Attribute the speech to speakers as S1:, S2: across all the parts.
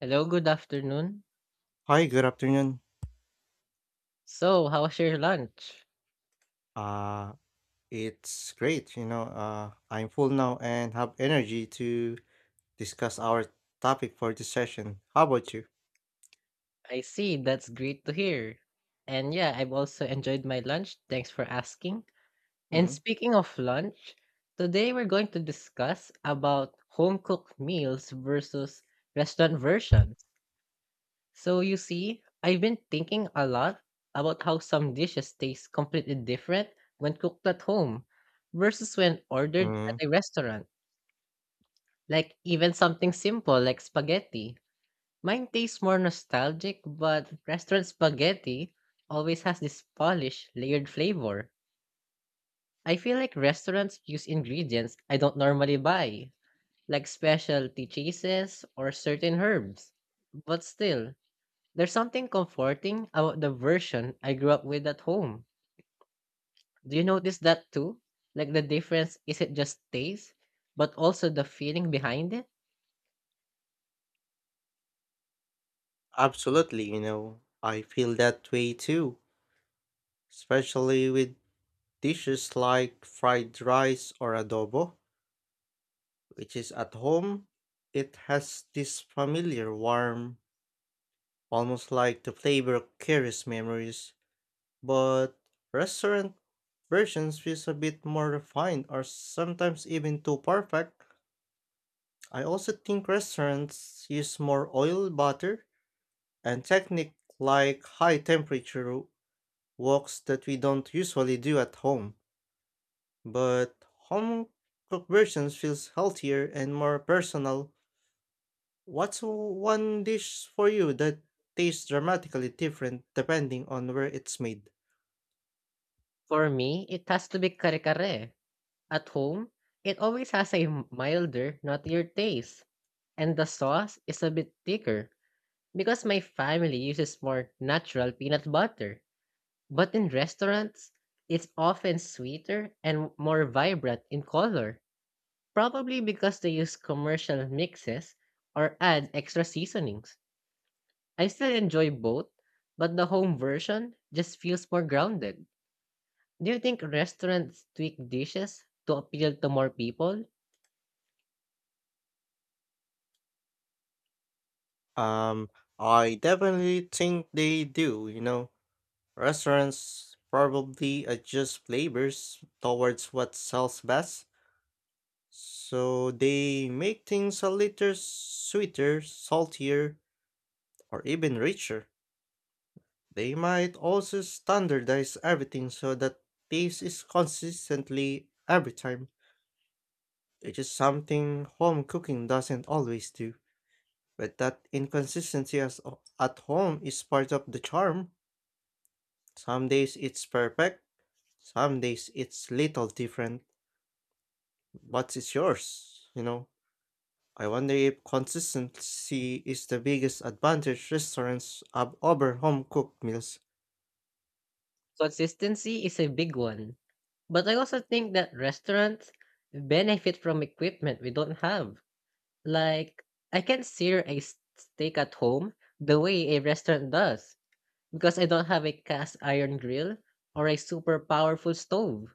S1: Hello, good afternoon.
S2: Hi, good afternoon.
S1: So, how was your lunch?
S2: Uh, it's great. I'm full now and have energy to discuss our topic for this session. How about you?
S1: I see, that's great to hear. And yeah, I've also enjoyed my lunch. Thanks for asking. And
S2: Mm,
S1: speaking of lunch, today we're going to discuss about home cooked meals versus restaurant versions. So, you see, I've been thinking a lot about how some dishes taste completely different when cooked at home versus when ordered
S2: mm,
S1: at a restaurant. Like even something simple like spaghetti. Mine tastes more nostalgic, but restaurant spaghetti always has this polished, layered flavor. I feel like restaurants use ingredients I don't normally buy, like specialty cheeses or certain herbs. But still, there's something comforting about the version I grew up with at home. Do you notice that too? Like the difference isn't just taste, but also the feeling behind it?
S2: Absolutely. I feel that way too, especially with dishes like fried rice or adobo, which is at home. It has this familiar warmth, almost like the flavor carries memories. But restaurant versions feels a bit more refined or sometimes even too perfect. I also think restaurants use more oil, butter, and technique like high temperature woks that we don't usually do at home. But home cooked versions feels healthier and more personal. What's one dish for you that tastes dramatically different depending on where it's made?
S1: For me, it has to be kare kare. At home, it always has a milder, nuttier taste, and the sauce is a bit thicker because my family uses more natural peanut butter. But in restaurants, it's often sweeter and more vibrant in color, probably because they use commercial mixes or add extra seasonings. I still enjoy both, but the home version just feels more grounded. Do you think restaurants tweak dishes to appeal to more people?
S2: Um, I definitely think they do. Restaurants probably adjust flavors towards what sells best, so they make things a little sweeter, saltier, or even richer. They might also standardize everything so that taste is consistently every time, which is something home cooking doesn't always do. But that inconsistency at home is part of the charm. Some days it's perfect, some days it's little different. But it's yours? I wonder if consistency is the biggest advantage restaurants have over home cooked meals.
S1: So, consistency is a big one, but I also think that restaurants benefit from equipment we don't have. Like, I can't sear a steak at home the way a restaurant does because I don't have a cast iron grill or a super powerful stove.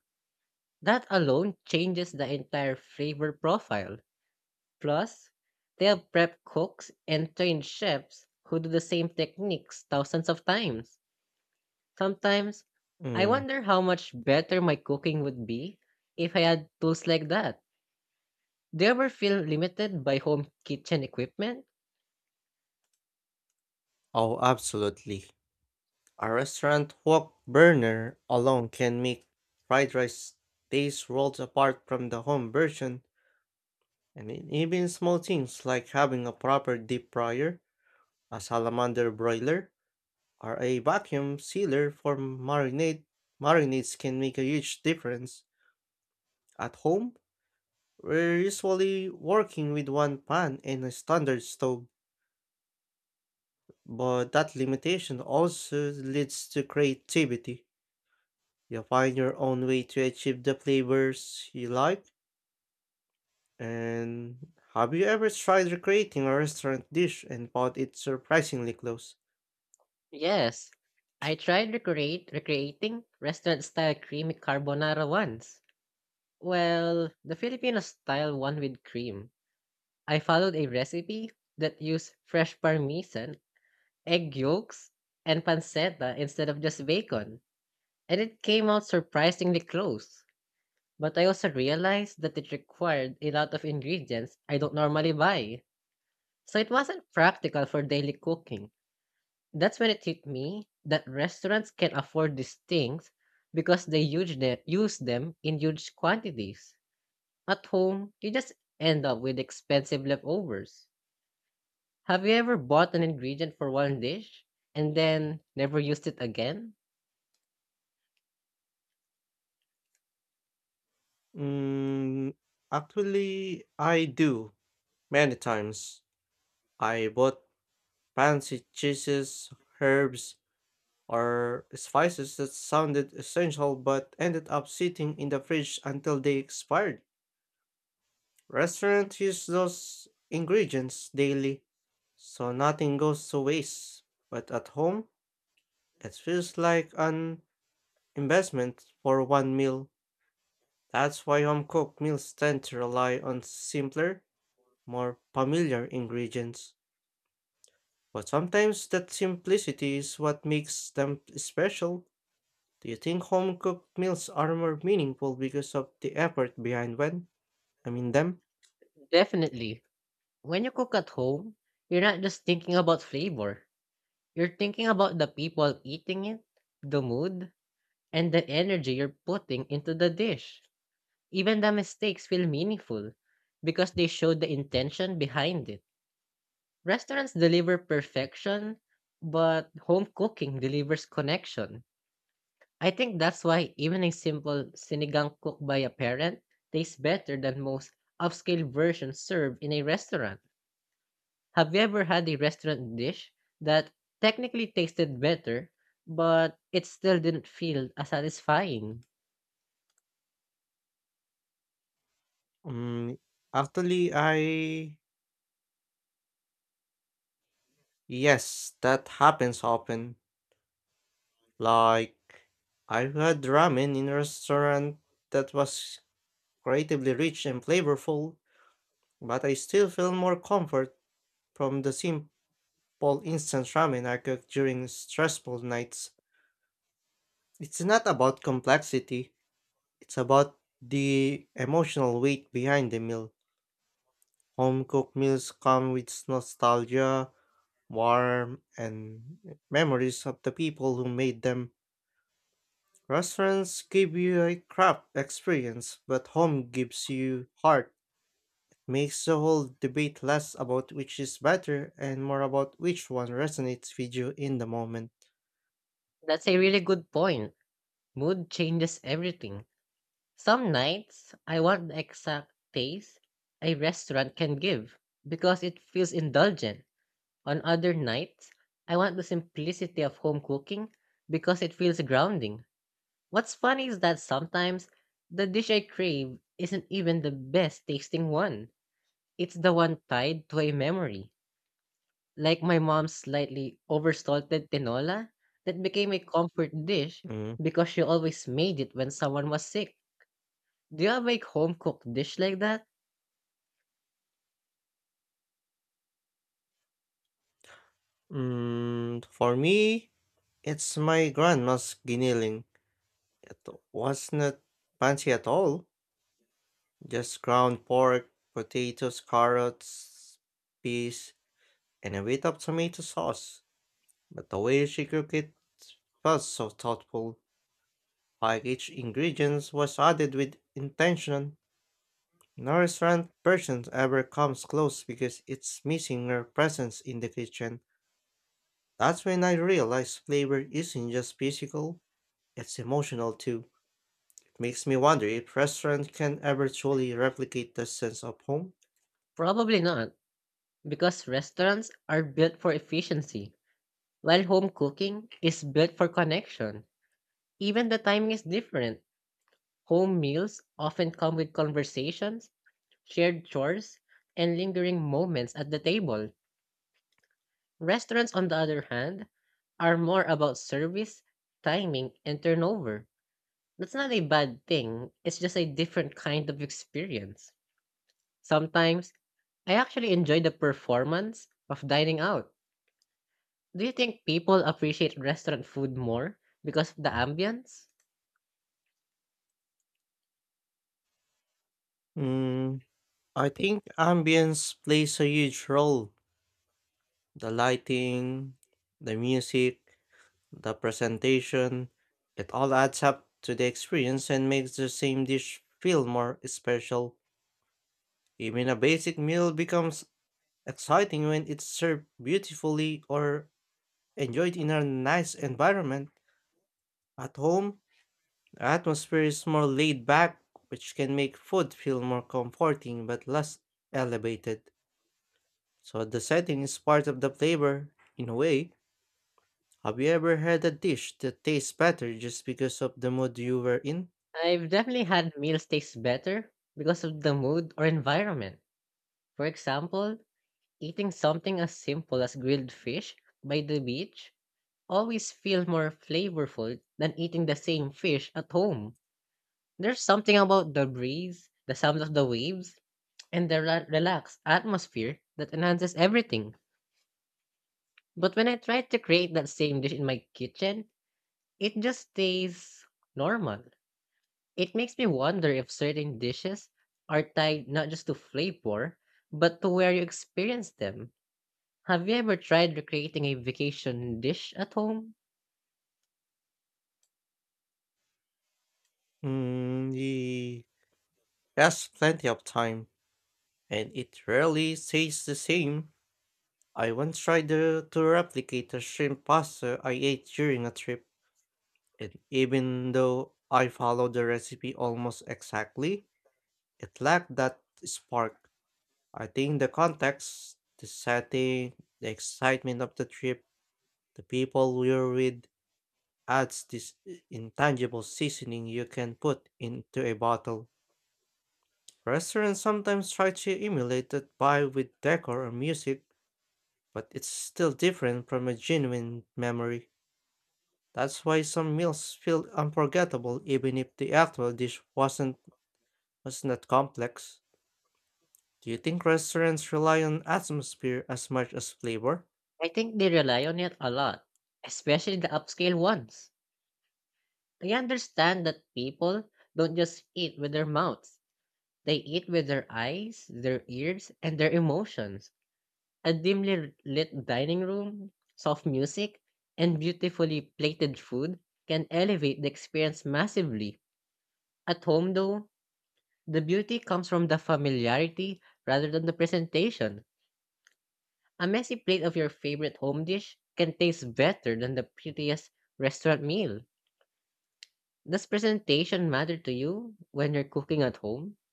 S1: That alone changes the entire flavor profile. Plus, they have prep cooks and trained chefs who do the same techniques thousands of times. Sometimes I
S2: Mm.
S1: wonder how much better my cooking would be if I had tools like that. Do you ever feel limited by home kitchen equipment?
S2: Oh, absolutely. A restaurant wok burner alone can make fried rice taste worlds apart from the home version. And even small things like having a proper deep fryer, a salamander broiler, or a vacuum sealer for marinade. Marinades can make a huge difference. At home, we're usually working with one pan and a standard stove, but that limitation also leads to creativity. You find your own way to achieve the flavors you like. And have you ever tried recreating a restaurant dish and found it surprisingly close?
S1: Yes. I tried recreating restaurant style creamy carbonara once. Well, the Filipino style one with cream. I followed a recipe that used fresh parmesan, egg yolks, and pancetta instead of just bacon, and it came out surprisingly close. But I also realized that it required a lot of ingredients I don't normally buy, so it wasn't practical for daily cooking. That's when it hit me that restaurants can afford these things because they use them in huge quantities. At home, you just end up with expensive leftovers. Have you ever bought an ingredient for one dish and then never used it again?
S2: Mm, Actually, I do many times. I bought fancy cheeses, herbs, or spices that sounded essential but ended up sitting in the fridge until they expired. Restaurants use those ingredients daily, so nothing goes to waste. But at home, it feels like an investment for one meal. That's why home cooked meals tend to rely on simpler, more familiar ingredients. But sometimes that simplicity is what makes them special. Do you think home cooked meals are more meaningful because of the effort behind when I mean them?
S1: Definitely. When you cook at home, you're not just thinking about flavor. You're thinking about the people eating it, the mood, and the energy you're putting into the dish. Even the mistakes feel meaningful because they show the intention behind it. Restaurants deliver perfection, but home cooking delivers connection. I think that's why even a simple sinigang cooked by a parent tastes better than most upscale versions served in a restaurant. Have you ever had a restaurant dish that technically tasted better, but it still didn't feel as satisfying?
S2: Mm, Actually, I yes, that happens often. Like I've had ramen in a restaurant that was creatively rich and flavorful, but I still feel more comfort from the simple instant ramen I cook during stressful nights. It's not about complexity; it's about the emotional weight behind the meal. Home cooked meals come with nostalgia, warmth, and memories of the people who made them. Restaurants give you a craft experience, but home gives you heart. Makes the whole debate less about which is better and more about which one resonates with you in the moment.
S1: That's a really good point. Mood changes everything. Some nights, I want the exact taste a restaurant can give because it feels indulgent. On other nights, I want the simplicity of home cooking because it feels grounding. What's funny is that sometimes the dish I crave isn't even the best tasting one. It's the one tied to a memory, like my mom's slightly oversalted tinola that became a comfort dish
S2: Mm.
S1: because she always made it when someone was sick. Do you have a home cooked dish like that?
S2: For me, it's my grandma's giniling. It was not fancy at all. Just ground pork, potatoes, carrots, peas, and a bit of tomato sauce. But the way she cooked it was so thoughtful, like each ingredient was added with intention. No restaurant version ever comes close because it's missing her presence in the kitchen. That's when I realized flavor isn't just physical, it's emotional too. It makes me wonder if restaurant can ever truly replicate the sense of home.
S1: Probably not, because restaurants are built for efficiency, while home cooking is built for connection. Even the timing is different. Home meals often come with conversations, shared chores, and lingering moments at the table. Restaurants, on the other hand, are more about service, timing, and turnover. That's not a bad thing, it's just a different kind of experience. Sometimes, I actually enjoy the performance of dining out. Do you think people appreciate restaurant food more because of the ambience?
S2: Mm, I think ambience plays a huge role. The lighting, the music, the presentation, it all adds up to the experience and makes the same dish feel more special. Even a basic meal becomes exciting when it's served beautifully or enjoyed in a nice environment. At home, the atmosphere is more laid back, which can make food feel more comforting but less elevated. So the setting is part of the flavor, in a way. Have you ever had a dish that tastes better just because of the mood you were in?
S1: I've definitely had meals taste better because of the mood or environment. For example, eating something as simple as grilled fish by the beach always feel more flavorful than eating the same fish at home. There's something about the breeze, the sound of the waves, and the relaxed atmosphere that enhances everything. But when I try to create that same dish in my kitchen, it just stays normal. It makes me wonder if certain dishes are tied not just to flavor, but to where you experience them. Have you ever tried recreating a vacation dish at home?
S2: Mm, ye- yes, plenty of time, and it rarely tastes the same. I once tried to replicate a shrimp pasta I ate during a trip, and even though I followed the recipe almost exactly, it lacked that spark. I think the context, the setting, the excitement of the trip, the people you're with adds this intangible seasoning you can put into a bottle. Restaurants sometimes try to emulate that vibe with decor or music, but it's still different from a genuine memory. That's why some meals feel unforgettable even if the actual dish was not complex. Do you think restaurants rely on atmosphere as much as flavor?
S1: I think they rely on it a lot, especially the upscale ones. I understand that people don't just eat with their mouths, they eat with their eyes, their ears, and their emotions. A dimly lit dining room, soft music, and beautifully plated food can elevate the experience massively. At home, though, the beauty comes from the familiarity rather than the presentation. A messy plate of your favorite home dish can taste better than the prettiest restaurant meal. Does presentation matter to you when you're cooking at home?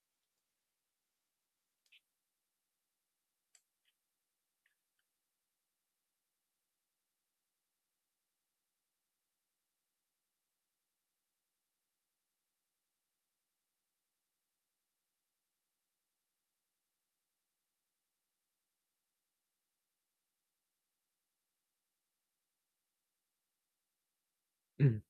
S1: Mm.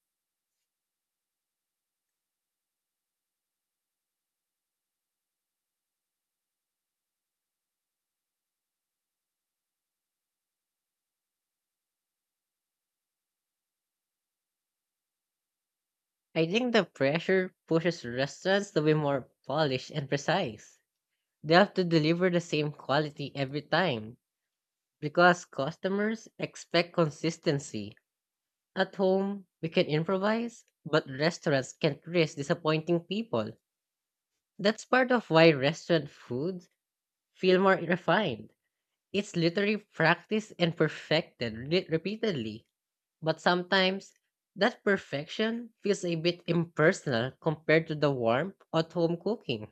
S1: I think the pressure pushes restaurants to be more polished and precise. They have to deliver the same quality every time because customers expect consistency. At home, we can improvise, but restaurants can't risk disappointing people. That's part of why restaurant foods feel more refined. It's literally practiced and perfected repeatedly, but sometimes that perfection feels a bit impersonal compared to the warmth of home cooking.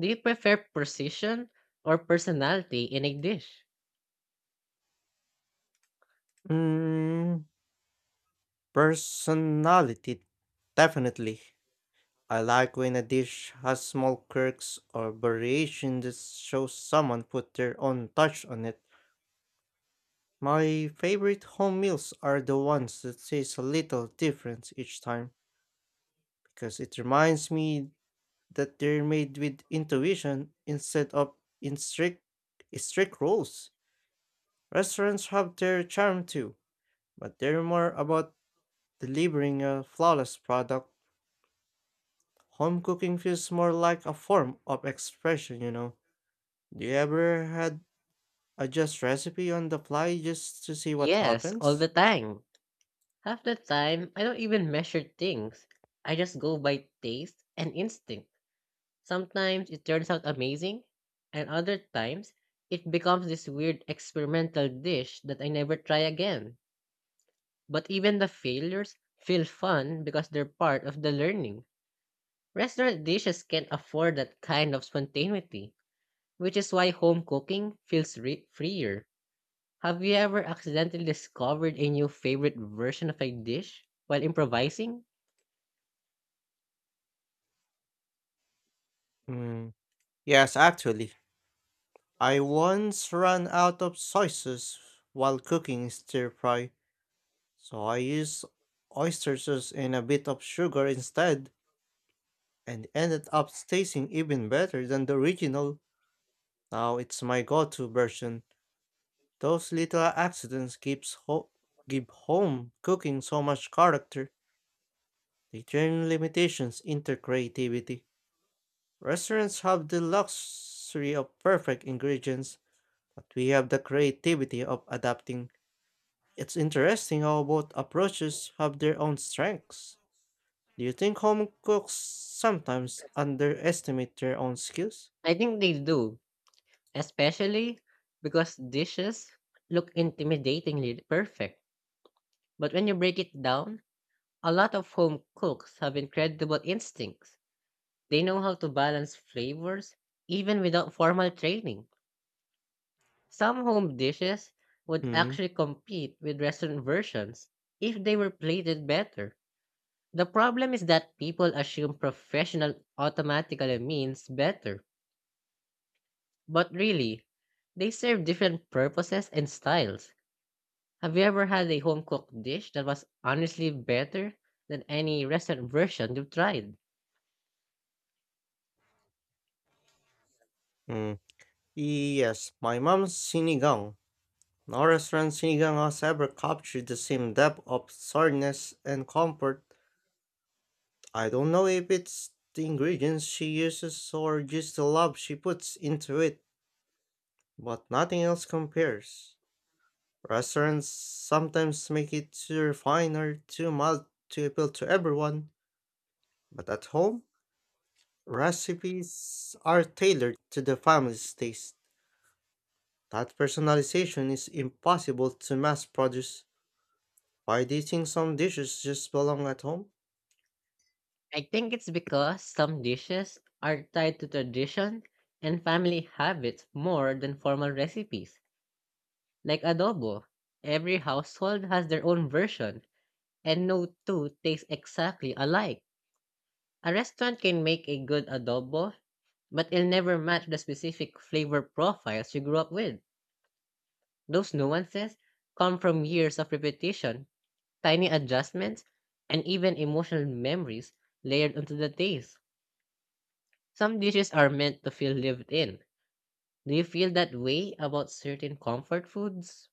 S1: Do you prefer precision or personality in a dish?
S2: Mm, Personality. Definitely. I like when a dish has small quirks or variations that show someone put their own touch on it. My favorite home meals are the ones that taste a little different each time because it reminds me that they're made with intuition instead of in strict rules. Restaurants have their charm too, but they're more about delivering a flawless product. Home cooking feels more like a form of expression. Do you ever had adjust recipe on the fly just to see what
S1: Yes, all the
S2: happens?
S1: time. Half the time, I don't even measure things. I just go by taste and instinct. Sometimes it turns out amazing, and other times it becomes this weird experimental dish that I never try again. But even the failures feel fun because they're part of the learning. Restaurant dishes can't afford that kind of spontaneity, which is why home cooking feels freer. Have you ever accidentally discovered a new favorite version of a dish while improvising?
S2: Mm, yes, actually. I once ran out of sauces while cooking stir fry, so I used oyster sauce and a bit of sugar instead, and ended up tasting even better than the original. Now it's my go-to version. Those little accidents gives give home cooking so much character. They turn limitations into creativity. Restaurants have the luxury of perfect ingredients, but we have the creativity of adapting. It's interesting how both approaches have their own strengths. Do you think home cooks sometimes underestimate their own skills?
S1: I think they do, especially because dishes look intimidatingly perfect. But when you break it down, a lot of home cooks have incredible instincts. They know how to balance flavors even without formal training. Some home dishes would
S2: Hmm.
S1: actually compete with restaurant versions if they were plated better. The problem is that people assume professional automatically means better, but really, they serve different purposes and styles. Have you ever had a home cooked dish that was honestly better than any restaurant version you've tried?
S2: Hmm. Yes, my mom's sinigang. No restaurant sinigang has ever captured the same depth of sourness and comfort. I don't know if it's the ingredients she uses or just the love she puts into it, but nothing else compares. Restaurants sometimes make it too refined or too mild to appeal to everyone, but at home, recipes are tailored to the family's taste. That personalization is impossible to mass produce. Why do you think some dishes just belong at home?
S1: I think it's because some dishes are tied to tradition and family habits more than formal recipes. Like adobo, every household has their own version, and no two tastes exactly alike. A restaurant can make a good adobo, but it'll never match the specific flavor profiles you grew up with. Those nuances come from years of repetition, tiny adjustments, and even emotional memories layered onto the taste. Some dishes are meant to feel lived in. Do you feel that way about certain comfort foods?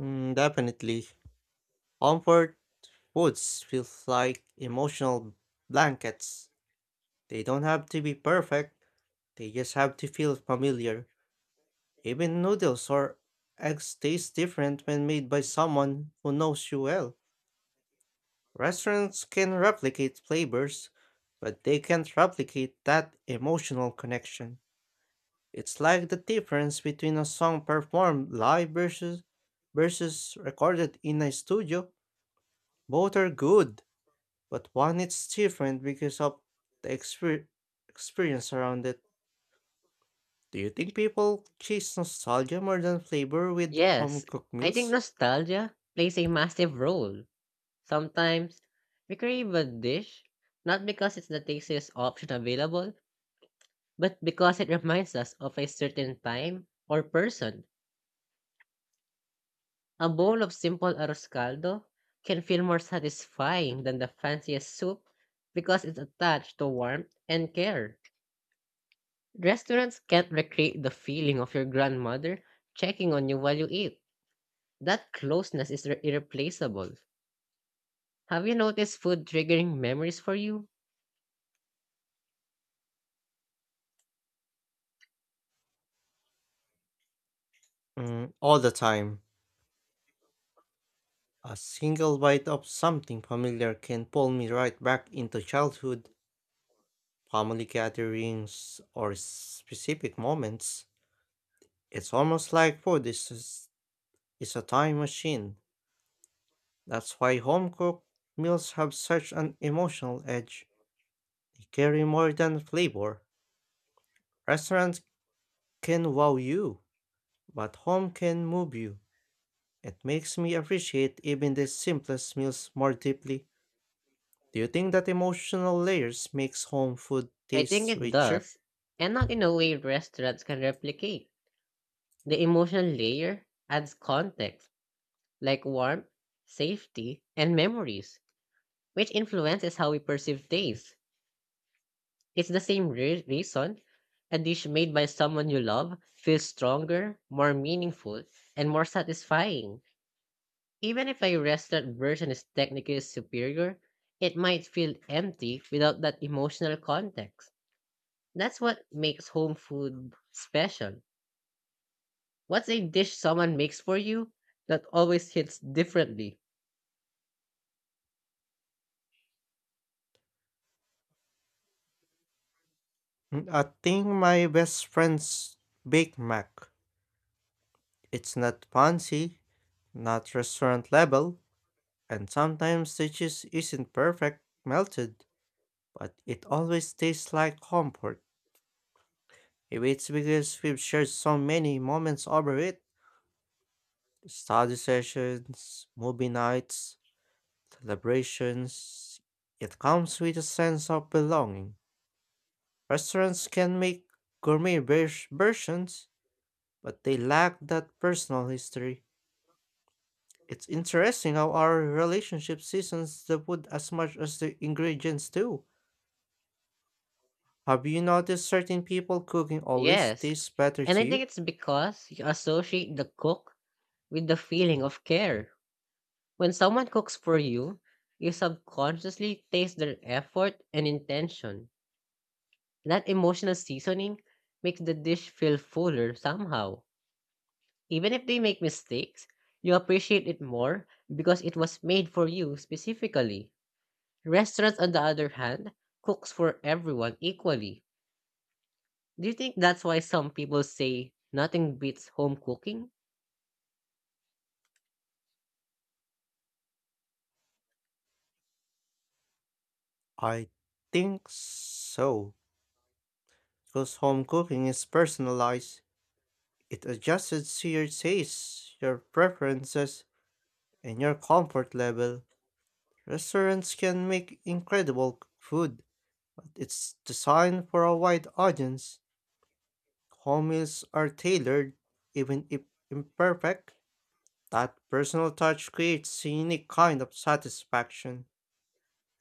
S2: Definitely. Comfort foods feel like emotional blankets. They don't have to be perfect, they just have to feel familiar. Even noodles or eggs taste different when made by someone who knows you well. Restaurants can replicate flavors, but they can't replicate that emotional connection. It's like the difference between a song performed live versus recorded in a studio. Both are good, but one it's different because of the experience around it. Do you think people chase nostalgia more than flavor with home
S1: Yes,
S2: cooked
S1: I think
S2: meals?
S1: nostalgia plays a massive role. Sometimes we crave a dish not because it's the tastiest option available, but because it reminds us of a certain time or person. A bowl of simple arroz caldo can feel more satisfying than the fanciest soup because it's attached to warmth and care. Restaurants can't recreate the feeling of your grandmother checking on you while you eat. That closeness is irreplaceable. Have you noticed food triggering memories for you?
S2: All the time. A single bite of something familiar can pull me right back into childhood, family gatherings, or specific moments. It's almost like food is a time machine. That's why home cooked meals have such an emotional edge. They carry more than flavor. Restaurants can wow you, but home can move you. It makes me appreciate even the simplest meals more deeply. Do you think that emotional layers makes home food
S1: I think
S2: taste
S1: it
S2: richer?
S1: does, and not in a way restaurants can replicate. The emotional layer adds context, like warmth, safety, and memories, which influences how we perceive taste. It's the same reason a dish made by someone you love feels stronger, more meaningful, and more satisfying. Even if a restaurant version is technically superior, it might feel empty without that emotional context. That's what makes home food special. What's a dish someone makes for you that always hits differently?
S2: I think my best friend's Big Mac. It's not fancy, not restaurant level, and sometimes the cheese isn't perfect melted, but it always tastes like comfort. Maybe it's because we've shared so many moments over it, study sessions, movie nights, celebrations. It comes with a sense of belonging. Restaurants can make gourmet versions, but they lack that personal history. It's interesting how our relationship seasons the food as much as the ingredients do. Have you noticed certain people cooking always
S1: Yes,
S2: tastes better
S1: and I
S2: to
S1: think
S2: you?
S1: it's because you associate the cook with the feeling of care. When someone cooks for you, you subconsciously taste their effort and intention. That emotional seasoning makes the dish feel fuller somehow. Even if they make mistakes, you appreciate it more because it was made for you specifically. Restaurants, on the other hand, cooks for everyone equally. Do you think that's why some people say nothing beats home cooking?
S2: I think so, because home cooking is personalized. It adjusts to your tastes, your preferences, and your comfort level. Restaurants can make incredible food, but it's designed for a wide audience. Home meals are tailored, even if imperfect. That personal touch creates a unique kind of satisfaction.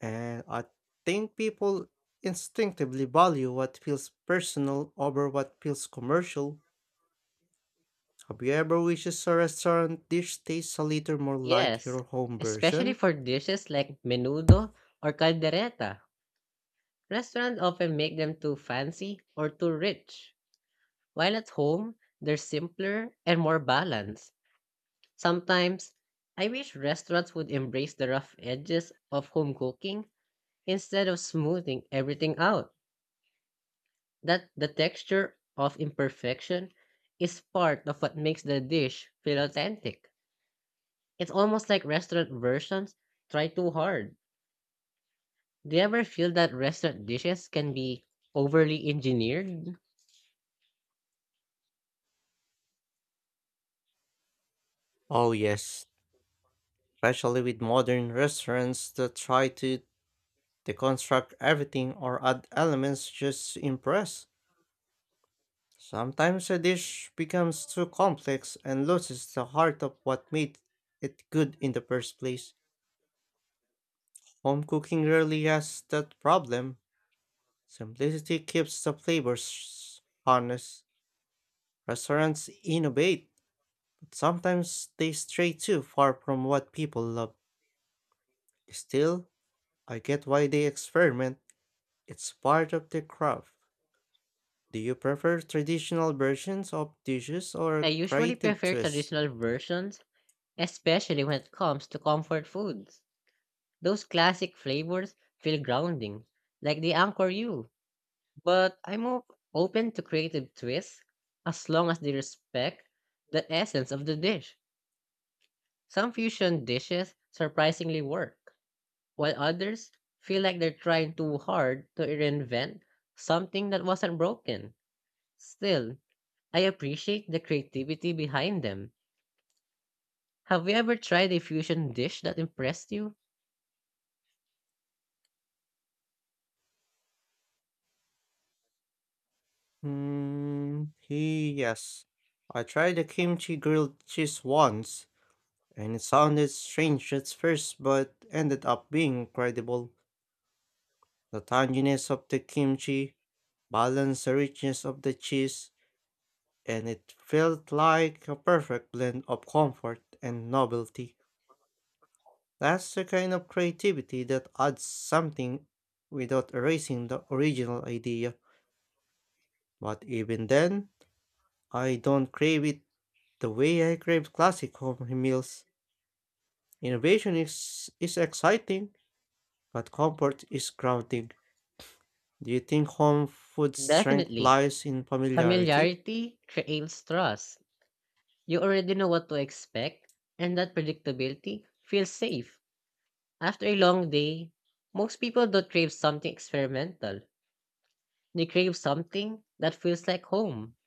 S2: And I think people instinctively value what feels personal over what feels commercial. Have you ever wished a restaurant dish tastes a little more like
S1: Yes,
S2: your home
S1: especially
S2: version?
S1: for dishes like menudo or caldereta. Restaurants often make them too fancy or too rich, while at home, they're simpler and more balanced. Sometimes, I wish restaurants would embrace the rough edges of home cooking instead of smoothing everything out. That the texture of imperfection is part of what makes the dish feel authentic. It's almost like restaurant versions try too hard. Do you ever feel that restaurant dishes can be overly engineered?
S2: Oh yes, especially with modern restaurants that try to deconstruct everything or add elements just to impress. Sometimes a dish becomes too complex and loses the heart of what made it good in the first place. Home cooking rarely has that problem. Simplicity keeps the flavors honest. Restaurants innovate. Sometimes they stray too far from what people love. Still, I get why they experiment. It's part of the craft. Do you prefer traditional versions of dishes
S1: I
S2: or
S1: usually
S2: creative
S1: prefer
S2: twists?
S1: traditional versions, especially when it comes to comfort foods. Those classic flavors feel grounding, like they anchor you. But I'm open to creative twists as long as they respect the essence of the dish. Some fusion dishes surprisingly work, while others feel like they're trying too hard to reinvent something that wasn't broken. Still, I appreciate the creativity behind them. Have you ever tried a fusion dish that impressed you?
S2: Hmm, yes. I tried a kimchi grilled cheese once, and it sounded strange at first, but ended up being incredible. The tanginess of the kimchi, balance the richness of the cheese, and it felt like a perfect blend of comfort and novelty. That's the kind of creativity that adds something without erasing the original idea. But even then, I don't crave it the way I crave classic home meals. Innovation is exciting, but comfort is grounding. Do you think home food strength
S1: Definitely.
S2: lies in familiarity?
S1: Familiarity creates trust. You already know what to expect, and that predictability feels safe. After a long day, most people don't crave something experimental. They crave something that feels like home.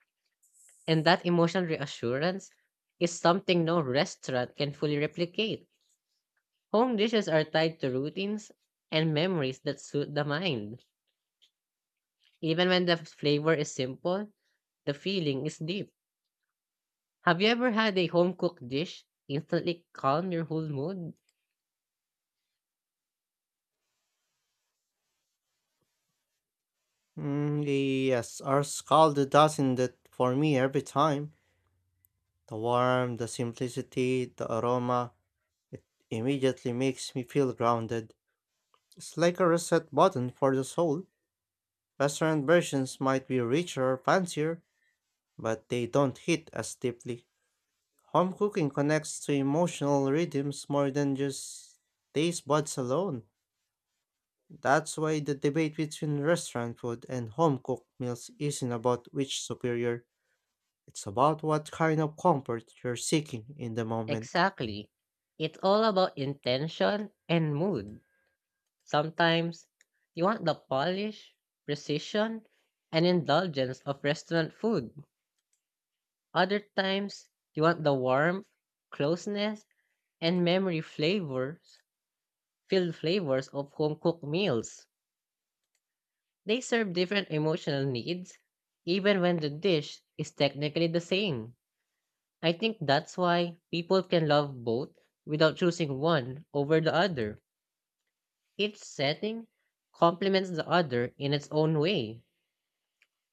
S1: And that emotional reassurance is something no restaurant can fully replicate. Home dishes are tied to routines and memories that suit the mind. Even when the flavor is simple, the feeling is deep. Have you ever had a home cooked dish instantly calm your whole mood?
S2: Mm, yes, ours called does that for me every time. The warmth, the simplicity, the aroma, it immediately makes me feel grounded. It's like a reset button for the soul. Restaurant versions might be richer or fancier, but they don't hit as deeply. Home cooking connects to emotional rhythms more than just taste buds alone. That's why the debate between restaurant food and home cooked meals isn't about which superior. It's about what kind of comfort you're seeking in the moment.
S1: Exactly. It's all about intention and mood. Sometimes you want the polish, precision, and indulgence of restaurant food. Other times you want the warmth, closeness, and memory flavors, filled flavors of home cooked meals. They serve different emotional needs, even when the dish is technically the same. I think that's why people can love both without choosing one over the other. Each setting complements the other in its own way.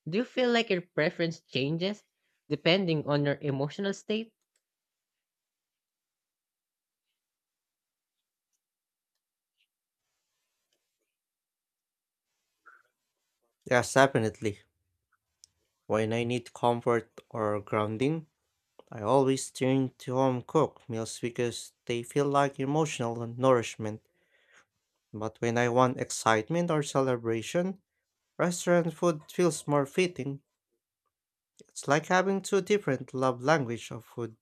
S1: Do you feel like your preference changes depending on your emotional state?
S2: Yes, definitely. When I need comfort or grounding, I always turn to home cooked meals because they feel like emotional nourishment. But when I want excitement or celebration, restaurant food feels more fitting. It's like having two different love language of food.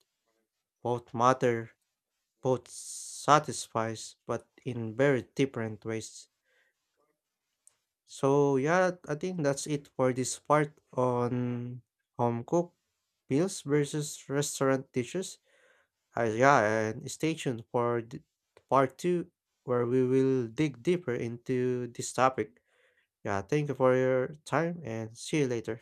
S2: Both matter, both satisfies, but in very different ways. So yeah, I think that's it for this part on home cooked meals versus restaurant dishes. Yeah, and stay tuned for part two, where we will dig deeper into this topic. Yeah, thank you for your time and see you later.